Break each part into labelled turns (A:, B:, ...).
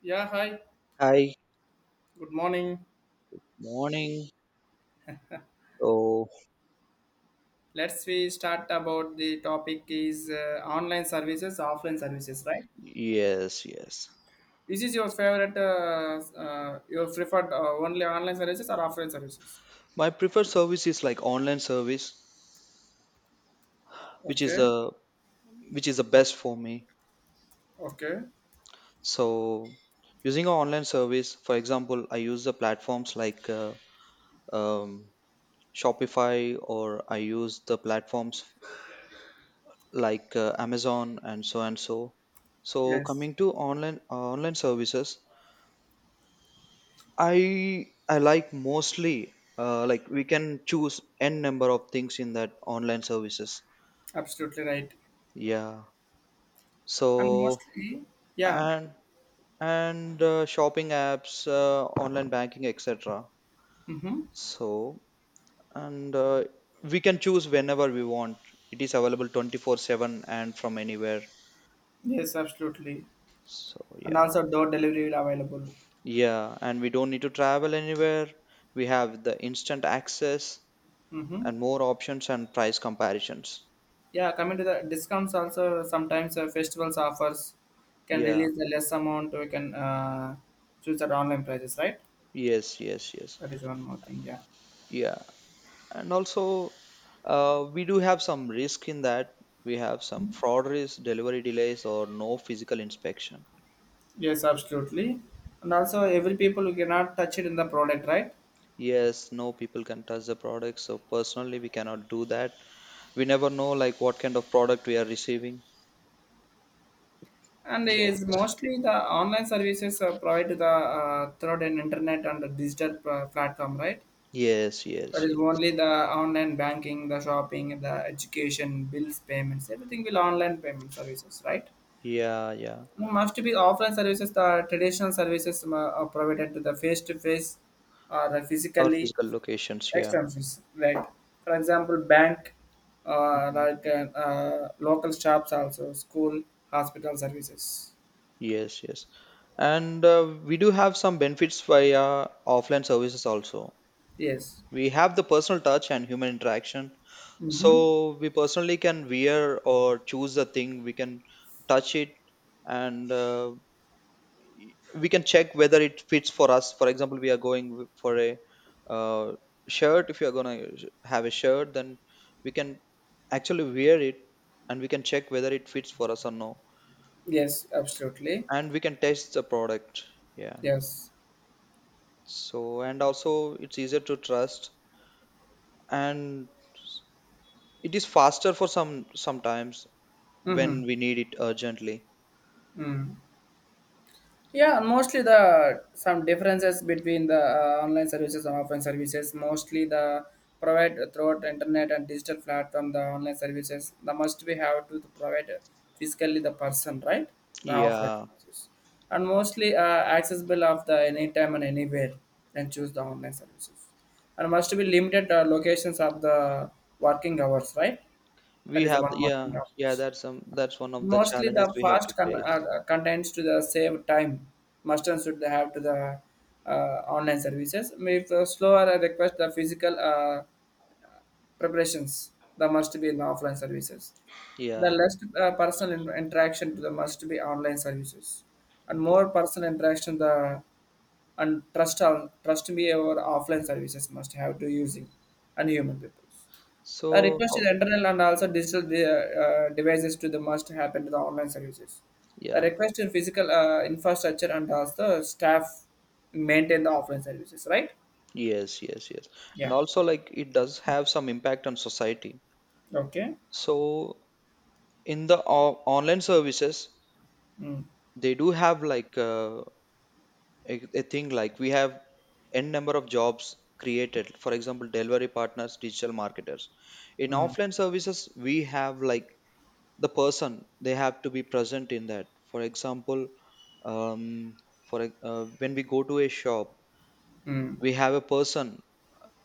A: Yeah, hi.
B: Hi,
A: Good morning.
B: morning. So,
A: Let's we start about the topic is online services, offline services, right?
B: yes, yes.
A: This is your favorite, your preferred only online services or offline services?
B: My preferred service is like online service, which is
A: Okay,
B: the which is the best for me.
A: okay,
B: So, using an online service, for example, I use the platforms like um, Shopify, or I use the platforms like Amazon and so and so. So,
A: yes,
B: coming to online services, I like mostly like we can choose n number of things in that online services.
A: absolutely right.
B: Yeah.
A: And
B: So,
A: mostly, yeah,
B: and and shopping apps, online banking, etc.
A: mm-hmm.
B: So, and we can choose whenever we want. It is available 24/7 and from anywhere.
A: Yes, absolutely.
B: So
A: And
B: yeah.
A: also door delivery will available.
B: Yeah, and we don't need to travel anywhere. We have the instant access
A: Mm-hmm.
B: and more options and price comparisons.
A: Yeah, coming to the discounts also sometimes festivals offers can
B: Yeah.
A: release the less amount we can choose at online prices, right?
B: Yes, yes, yes.
A: That is one more thing. Yeah.
B: Yeah. And also we do have some risk in that, we have some fraud risk, delivery delays, or no physical inspection.
A: Yes, absolutely. And also every people who cannot touch it in the product, right?
B: Yes, no people can touch the product, so personally we cannot do that. We never know like what kind of product we are receiving.
A: And
B: Yeah.
A: is mostly the online services provided to the through an internet and the platform, right?
B: Yes,
A: That
B: yes,
A: is
B: yes.
A: only the online banking, the shopping, the education, bills, payments, everything will online payment services, right?
B: Yeah, yeah.
A: Must be offline services, the traditional services are provided to the face to face or
B: Our
A: physically
B: physical locations, yeah.
A: extensions, right? For example, bank, uh,
B: Mhm.
A: like uh, local shops, also school, hospital services.
B: Yes, yes, and we do have some benefits via offline services also.
A: Yes.
B: We have the personal touch and human interaction,
A: Mm-hmm.
B: so we personally can wear or choose the thing, we can touch it, and we can check whether it fits for us. For example, we are going for a uh, shirt. If you are going to have a shirt, then we can actually wear it, and we can check whether it fits for us or no.
A: Yes, absolutely.
B: And we can test the product. Yeah.
A: Yes.
B: So and also it's easier to trust, and it is faster for sometimes
A: Mm-hmm.
B: when we need it urgently.
A: Mm. Yeah, mostly the some differences between the online services and offline services. Mostly the provide throughout internet and digital platform the online services. The must we have to provide physically the person right the offline
B: Yeah,
A: services, and mostly accessible of the anytime and anywhere. Then choose the online services, and must be limited locations of the working hours. Right,
B: we
A: that is the
B: have
A: one
B: the,
A: more
B: yeah,
A: thing.
B: yeah, that's one of the
A: Mostly
B: challenges
A: the
B: we have to face.
A: contents to the save time. Mustn't should have to the online services. If the slower request the physical preparations, the must be in offline services. The
B: Yeah,
A: less interaction to the must be online services, and
B: yeah.
A: more personal interaction the and trust on trust me our offline services must have to using and human people. A
B: So,
A: request
B: oh,
A: is internal and also digital devices to the must happen to the online services. The
B: yeah.
A: request in physical infrastructure and also staff maintain the offline services, right?
B: Yes, yes, yes. And
A: Yeah.
B: also, like, it does have some impact on society.
A: Okay.
B: So in the online services,
A: Mm,
B: they do have like a thing like we have n number of jobs created, for example, delivery partners, digital marketers. In
A: mm,
B: offline services, we have like the person, they have to be present in that. For example, um, when we go to a shop,
A: mm,
B: we have a person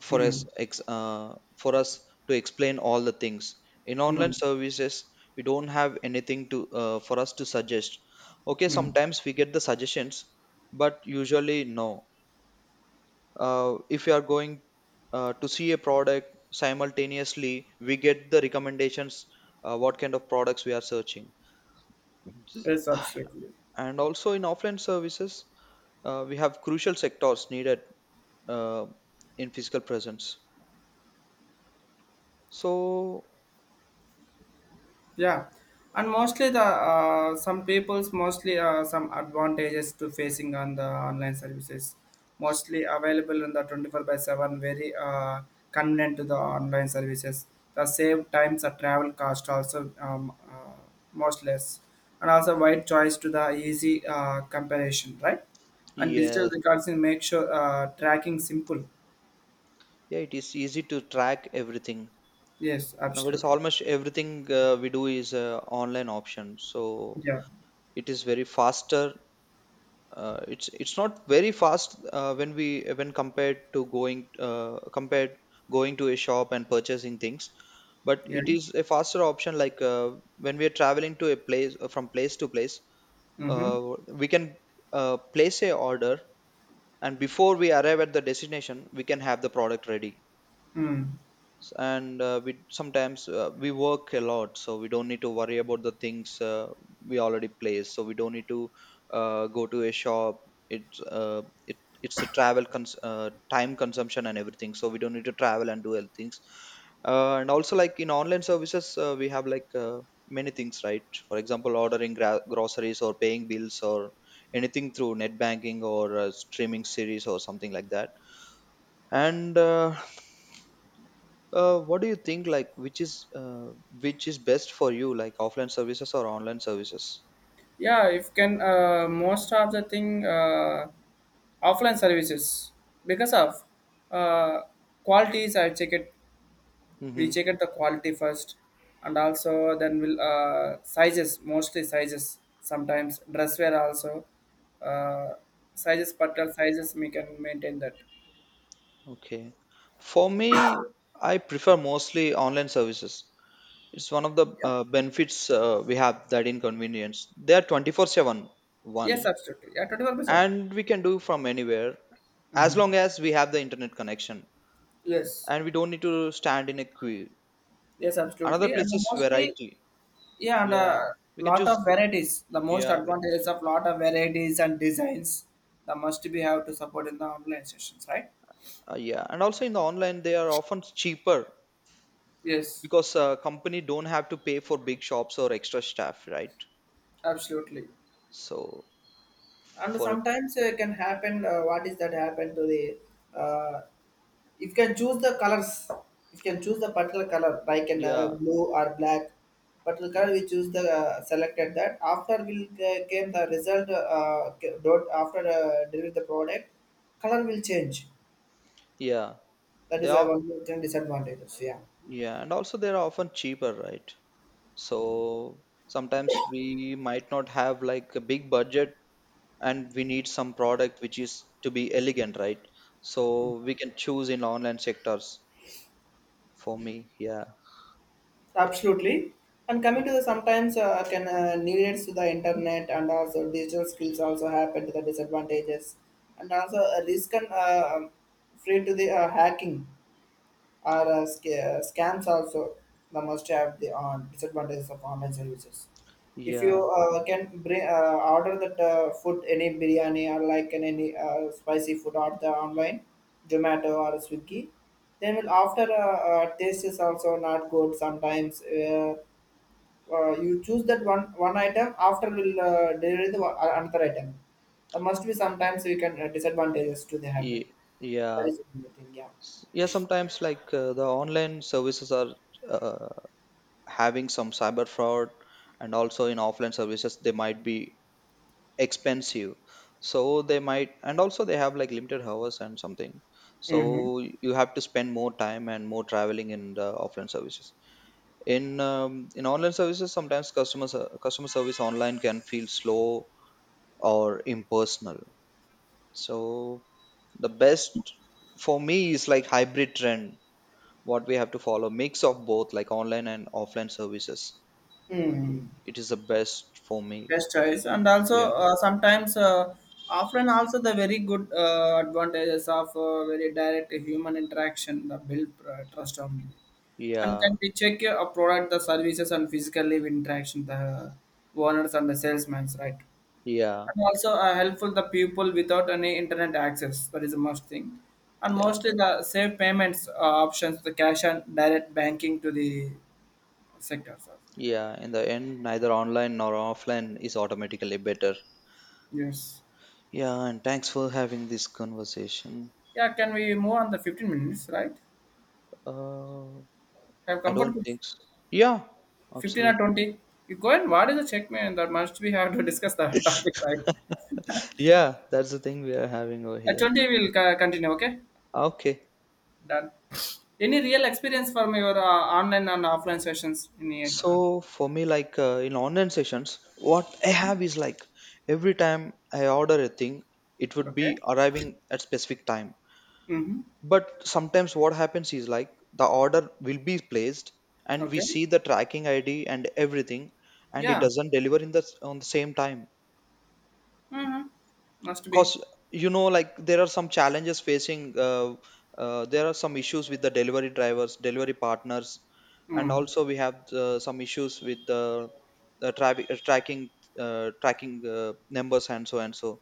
A: mm,
B: for us to explain all the things. In online
A: mm,
B: services, we don't have anything to for us to suggest. Okay,
A: mm.
B: sometimes we get the suggestions, but usually no. If you are going to see a product, simultaneously we get the recommendations, what kind of products we are searching.
A: Yes, absolutely.
B: And also in offline services, we have crucial sectors needed uh, in physical presence. so,
A: Yeah, and mostly the some people's mostly some advantages to facing on the online services,
B: so
A: mostly available in the 24 by seven, very convenient to the online services. The save times the travel cost also most less, and also wide choice to the easy comparison, right? And digital
B: yes.
A: records will make sure tracking simple.
B: Yeah, it is easy to track everything.
A: Yes,
B: Nowadays
A: absolutely.
B: almost everything we do is online option, so
A: Yeah,
B: it is very faster. It's not very fast when we, when compared to going compared, going to a shop and purchasing things. But
A: yeah.
B: it is a faster option, like when we are traveling to a place, from place to place,
A: Mm-hmm.
B: uh, we can place a order, and before we arrive at the destination we can have the product ready.
A: Hmm.
B: S- and we sometimes We work a lot, so we don't need to worry about the things we already place, so we don't need to go to a shop. It's a time consumption and everything, so we don't need to travel and do other things. And also, like, in online services, we have like many things, right? For example, ordering groceries, or paying bills, or anything through net banking, or streaming series or something like that. And What do you think, like, which is best for you, like, offline services or online services?
A: Yeah, if can most of the thing offline services because of uh, qualities I check it, we
B: Hmm.
A: check it the quality first, and also then we'll sizes mostly sizes sometimes dress wear also uh, sizes particular sizes we can maintain that.
B: Okay. For me, I prefer mostly online services. It's one of the
A: Yeah,
B: benefits we have, that inconvenience. They are twenty four seven
A: yes,
B: one,
A: absolutely, yeah, 24 by 7.
B: and we can do from anywhere as long
A: Mhm.
B: as we have the internet connection,
A: Yes,
B: and we don't need to stand in a queue.
A: yes,
B: Another
A: absolutely,
B: place
A: and
B: is
A: mostly
B: variety.
A: yeah, and a
B: Yeah, we can
A: lot
B: choose.
A: of varieties. The most
B: Yeah,
A: advantages of lot of varieties and designs that must be have to support in the online sessions, right?
B: yeah, and also in the online they are often cheaper,
A: Yes,
B: because company don't have to pay for big shops or extra staff, right?
A: absolutely.
B: So
A: And
B: for,
A: sometimes it can happen. What is that happen to the? Uh, you can choose the colors. You can choose the particular color, like in
B: yeah.
A: blue or black. Particular color we
B: Yes,
A: choose the selected that. After will came the result. Dot after deliver the product, color will change.
B: yeah.
A: That
B: they
A: is a
B: are
A: one of the disadvantages. Yeah.
B: Yeah, and also they're often cheaper, right? So sometimes we might not have like a big budget, and we need some product which is to be elegant, right? So we can choose in online sectors. For me, yeah,
A: Absolutely. And coming to the sometimes can needs to the internet and also digital skills also happen to the disadvantages and also a risk and free to the hacking. Are scams also the most have the disadvantages of online services? If you
B: yeah,
A: can bring order that food any biryani or any spicy food or the online Zomato or Swiggy, then will after taste is also not good sometimes. You choose that one item after will deliver the another item. There must be sometimes you can disadvantages to the happen.
B: ye- yeah.
A: That is the thing, yeah.
B: Yeah, sometimes, like, the online services are uh, having some cyber fraud. And also in offline services they might be expensive, so they might and also they have like limited hours and something, so
A: Mm-hmm.
B: you have to spend more time and more traveling in the offline services. In online services, sometimes customer service online can feel slow or impersonal, so the best for me is like hybrid trend, what we have to follow, mix of both, like online and offline services.
A: Mm.
B: It is the best for me.
A: Best choice, and also
B: Yeah,
A: sometimes offline also the very good advantages of very direct human interaction the build trust on you, and
B: yeah,
A: can we check your product the services and physically interaction the owners and the salesmen, right?
B: yeah,
A: And also helpful the people without any internet access, that is a must thing, and
B: yeah,
A: mostly the safe payments options the cash and direct banking to the sectors.
B: yeah. In the end, neither online nor offline is automatically better.
A: Yes,
B: Yeah, and thanks for having this conversation.
A: yeah, can we move on the 15 minutes right
B: Uh,
A: have
B: I don't
A: comfort with
B: think so. Yeah,
A: 15 or
B: absolutely.
A: 20. You go and what is the check, man? That must we have to discuss that topic, right?
B: Yeah, that's the thing we are having over
A: At
B: here.
A: 20, we'll continue, okay?
B: Okay.
A: Done. Any real experience from your online and offline sessions? In the,
B: So for me, like in online sessions, what I have is like every time I order a thing, it would
A: okay.
B: be arriving at specific time.
A: Mm-hmm.
B: But sometimes what happens is like the order will be placed, and we
A: Okay.
B: see the tracking ID and everything, and it
A: Yeah.
B: doesn't deliver on the same time,
A: Mm-hmm. Must be.
B: because, you know, like, there are some challenges facing. There are some issues with the delivery drivers, delivery partners. And
A: Mm.
B: also we have some issues with the traffic tracking, numbers and so and so.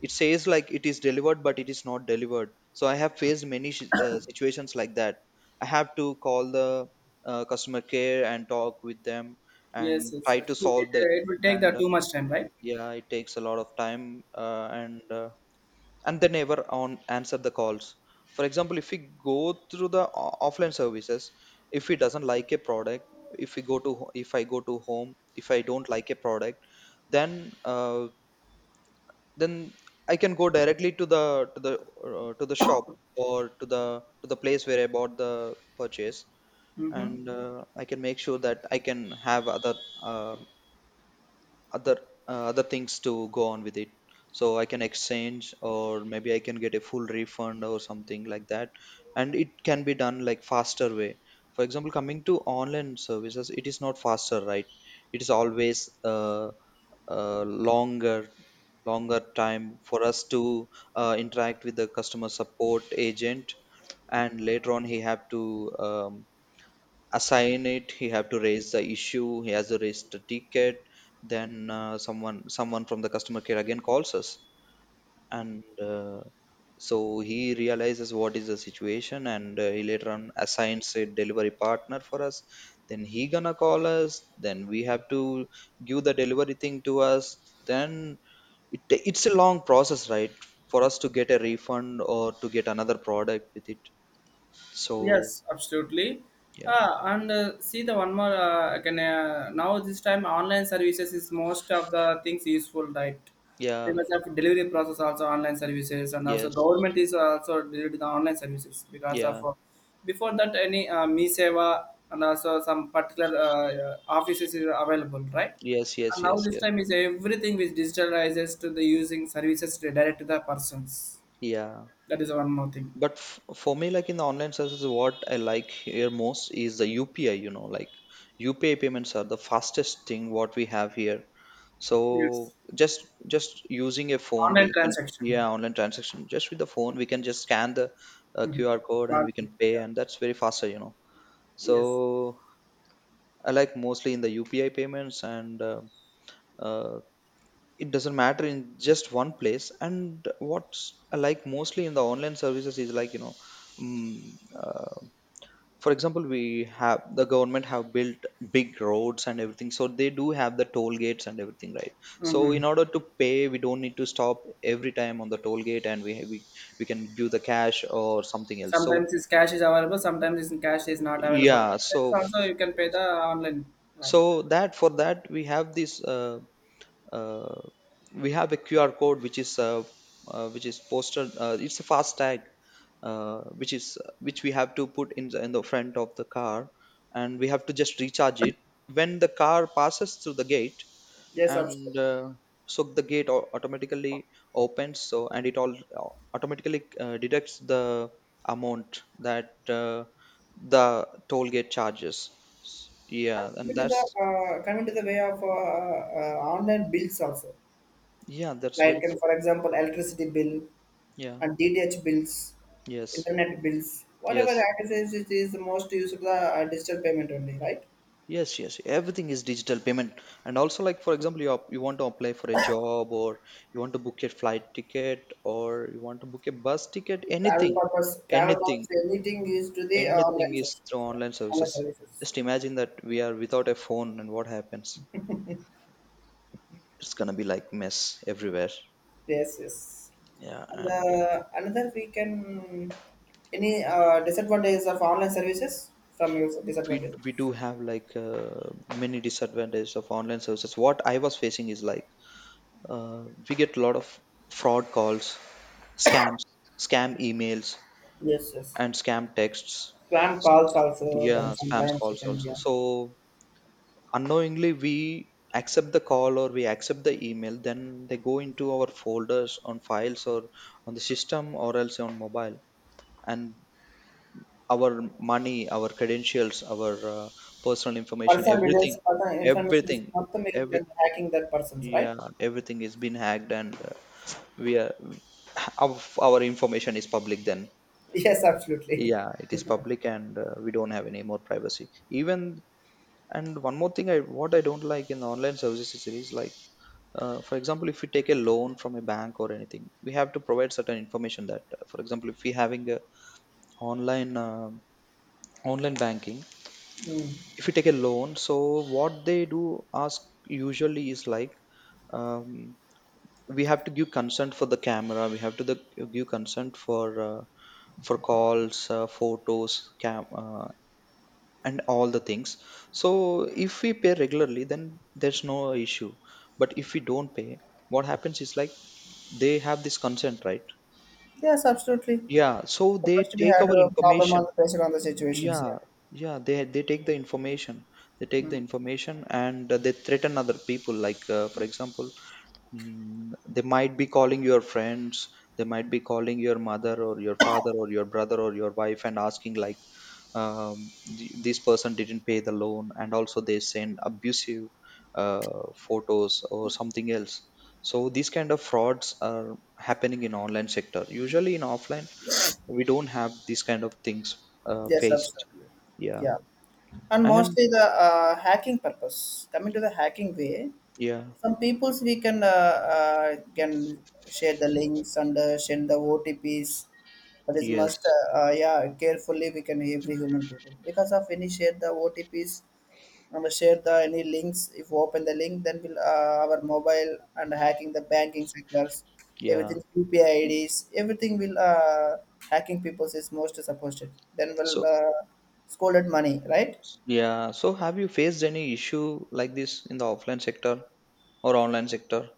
B: It says like it is delivered but it is not delivered, so I have faced many situations like that. I have to call the customer care and talk with them
A: Yes,
B: and
A: yes,
B: try
A: yes.
B: to
A: It, it,
B: solve the
A: it will
B: issue,
A: take
B: and
A: that too much time, right?
B: yeah, it takes a lot of time, and and they never on answer the calls. For example, if we go through the offline services, if we doesn't like a product, if we go to ho- if I go to home, if I don't like a product, then uh, then I can go directly to the, to the, to the shop, or to the, to the place where I bought the purchase.
A: Mm-hmm.
B: And I can make sure that I can have other, uh, other other things to go on with it, so I can exchange, or maybe I can get a full refund or something like that, and it can be done like faster way. For example, coming to online services, it is not faster, right? It is always, uh, uh, longer longer time for us to interact with the customer support agent, and later on he have to um, assign it, he have to raise the issue, he has to raise the ticket. Then someone from the customer care again calls us, and uh, so he realizes what is the situation, and he later on assigns a delivery partner for us, then he gonna call us, then we have to give the delivery thing to us. Then it's a long process, right, for us to get a refund or to get another product with it, so
A: Yes, absolutely.
B: yeah.
A: Ah, and see the one more can now this time online services is most of the things useful, right?
B: Yeah.
A: Because of delivery process also online services, and also
B: Yes,
A: government is also delivered the online services because
B: yeah.
A: of before that any me seva and also some particular offices is available, right?
B: Yes, yes,
A: And now
B: yes,
A: this
B: yes.
A: time is everything which digitalizes to the using services to direct to the persons,
B: Yeah.
A: that is one more thing.
B: But f for me, like in the online services, what I like here most is the UPI, you know, like UPI payments are the fastest thing what we have here. So
A: Yes,
B: just using a phone,
A: online
B: we can,
A: transaction.
B: yeah, online transaction, just with the phone, we can just scan the
A: Mhm.
B: QR code and we
A: Barcode,
B: can pay,
A: yeah.
B: and that's very faster, you know.
A: Yes.
B: So I like mostly in the UPI payments and uh, it doesn't matter in just one place and what's like mostly in the online services is mm, uh, for example we have the government have built big roads and everything, so they do have the toll gates and everything, right? So in
A: Hmm.
B: order to pay, we don't need to stop every time on the toll gate and we can give the cash or something else. so
A: Sometimes this cash is available, sometimes this cash is not available.
B: yeah
A: But it's
B: so
A: also you can pay the online, right?
B: so that for that we have this uh, we have a qr code which is posted, it's a fast tag which we have to put in in the front of the car, and we have to just recharge it. When the car passes through the gate,
A: Yes,
B: and
A: absolutely.
B: so the gate automatically opens, so and it all automatically deducts the amount that the toll gate charges.
A: And
B: Yeah, and
A: coming to
B: that's
A: the way of online bills also,
B: yeah, that's
A: like
B: very
A: can for example, electricity bill
B: yeah,
A: and DTH bills,
B: yes,
A: internet bills, whatever
B: yes.
A: access it is most used to the digital payment only, right?
B: Yes, yes, everything is digital payment. And also, like for example, you you want to apply for a job, or you want to book a flight ticket, or you want to book a bus ticket.
A: Travel purpose, travel
B: Anything,
A: purpose, anything used to the
B: Anything
A: online
B: is
A: services,
B: through
A: yeah,
B: online
A: online
B: services.
A: services.
B: Just imagine that we are without a phone, and what happens? It's gonna be like mess everywhere.
A: Yes, yes.
B: Yeah,
A: And
B: and
A: another we can any disadvantages of online services from your disadvantages.
B: we do have like many disadvantages of online services. What I was facing is like, we get a lot of fraud calls, scams, scam emails,
A: Yes, yes.
B: and scam texts.
A: Plan calls also. Then
B: Yeah, spam
A: sometimes you
B: calls
A: can,
B: also.
A: yeah.
B: So unknowingly we accept the call or we accept the email, then they go into our folders on files or on the system or else on mobile, and our money, our credentials, our personal information,
A: Personal
B: everything
A: details, personal information
B: everything
A: is not the main
B: every
A: thing hacking that person's right.
B: Yeah, everything is been hacked, and we are our, our information is public, then
A: Yes, absolutely.
B: yeah, it is public. And we don't have any more privacy even. And one more thing, I what I don't like in online services is it is like, for example, if we take a loan from a bank or anything, we have to provide certain information that, for example, if we having a online uh, online banking,
A: Mm.
B: if we take a loan, so what they do ask usually is like, um, we have to give consent for the camera, we have to give consent for calls, photos, and all the things. So if we pay regularly, then there's no issue, but if we don't pay, what happens is like they have this consent, right?
A: Yes, absolutely.
B: Yeah, so
A: It
B: they
A: must be
B: take
A: had
B: our
A: a proper on
B: information.
A: the based on the situations. Yeah.
B: Yeah yeah they they take the information. They take the
A: Mm.
B: information, and they threaten other people like, for example, they might be calling your friends, they might be calling your mother or your father or your brother or your wife and asking like, um, this person didn't pay the loan, and also they send abusive photos or something else. So these kind of frauds are happening in online sector. Usually in offline we don't have these kind of things
A: Yes,
B: faced.
A: absolutely.
B: Yeah.
A: Yeah. And
B: And
A: mostly the hacking purpose. Coming to the hacking way,
B: yeah,
A: some peoples we can share the links and send the OTPs. That is must
B: yes,
A: yeah, carefully we can every human people because of any share the OTPs and share the any links. If we open the link, then will our mobile and hacking the banking sectors,
B: yeah.
A: everything UPI IDs, everything will hacking peoples is most supposed. Then
B: So
A: will scolded money, right.
B: yeah, so have you faced any issue like this in the offline sector or online sector?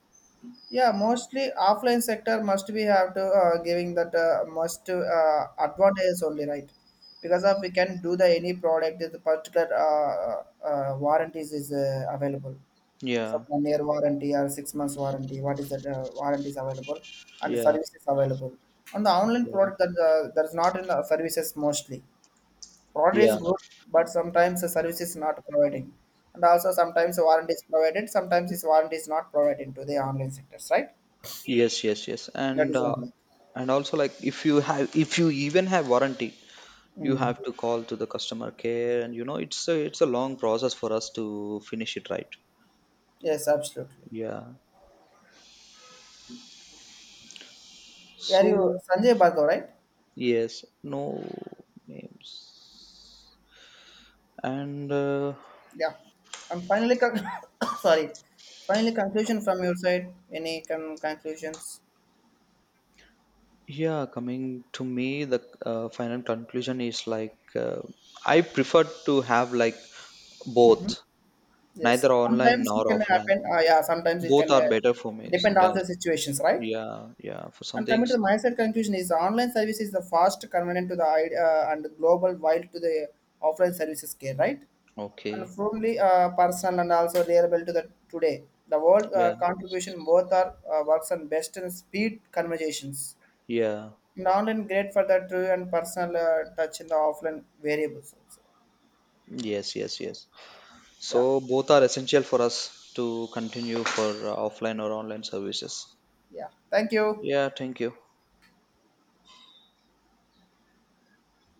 A: Yeah, mostly offline sector must be have to giving that must advantage only, right? Because of we can do the any product the particular warranties is available. Some
B: Yeah,
A: 1 year warranty or 6 months warranty. What is that warranty is available and
B: yeah,
A: service is available. On the online
B: yeah,
A: product that that is not in the services mostly. Product is
B: yeah,
A: good, but sometimes the service is not providing, and also sometimes the warranty is provided. Sometimes this warranty is not provided to the online sectors, right?
B: yes, yes, yes.
A: That
B: And
A: is 1 month.
B: and also like if you have if you even have warranty, you
A: Mm.
B: have to call to the customer care, and you know it's a long process for us to finish it, right?
A: Yes, absolutely.
B: Yeah.
A: Are you
B: So
A: Sanjay Bhargav, right?
B: yes, no names. And
A: Yeah. And finally, con- sorry. Finally, conclusion from your side. Any conclusions?
B: yeah, coming to me, the final conclusion is like, I prefer to have like both,
A: Yes.
B: neither online
A: Sometimes
B: nor
A: it can
B: offline.
A: happen. Yeah, sometimes it
B: Both
A: can
B: are better for me
A: depend on
B: sometimes.
A: the situations, right?
B: Yeah, yeah, for some
A: And coming to
B: things.
A: the mindset conclusion is online service is the fast, convenient to the and global, while to the offline services care, right? And
B: Okay.
A: firmly personal and also reliable to the today. The world
B: Yeah,
A: contribution both are works on best and speed conversations.
B: yeah.
A: And online great for the true and personal touch in the offline variables also.
B: Yes, yes, yes.
A: Yeah,
B: So both are essential for us to continue for offline or online services.
A: yeah. Thank you.
B: Yeah, thank you.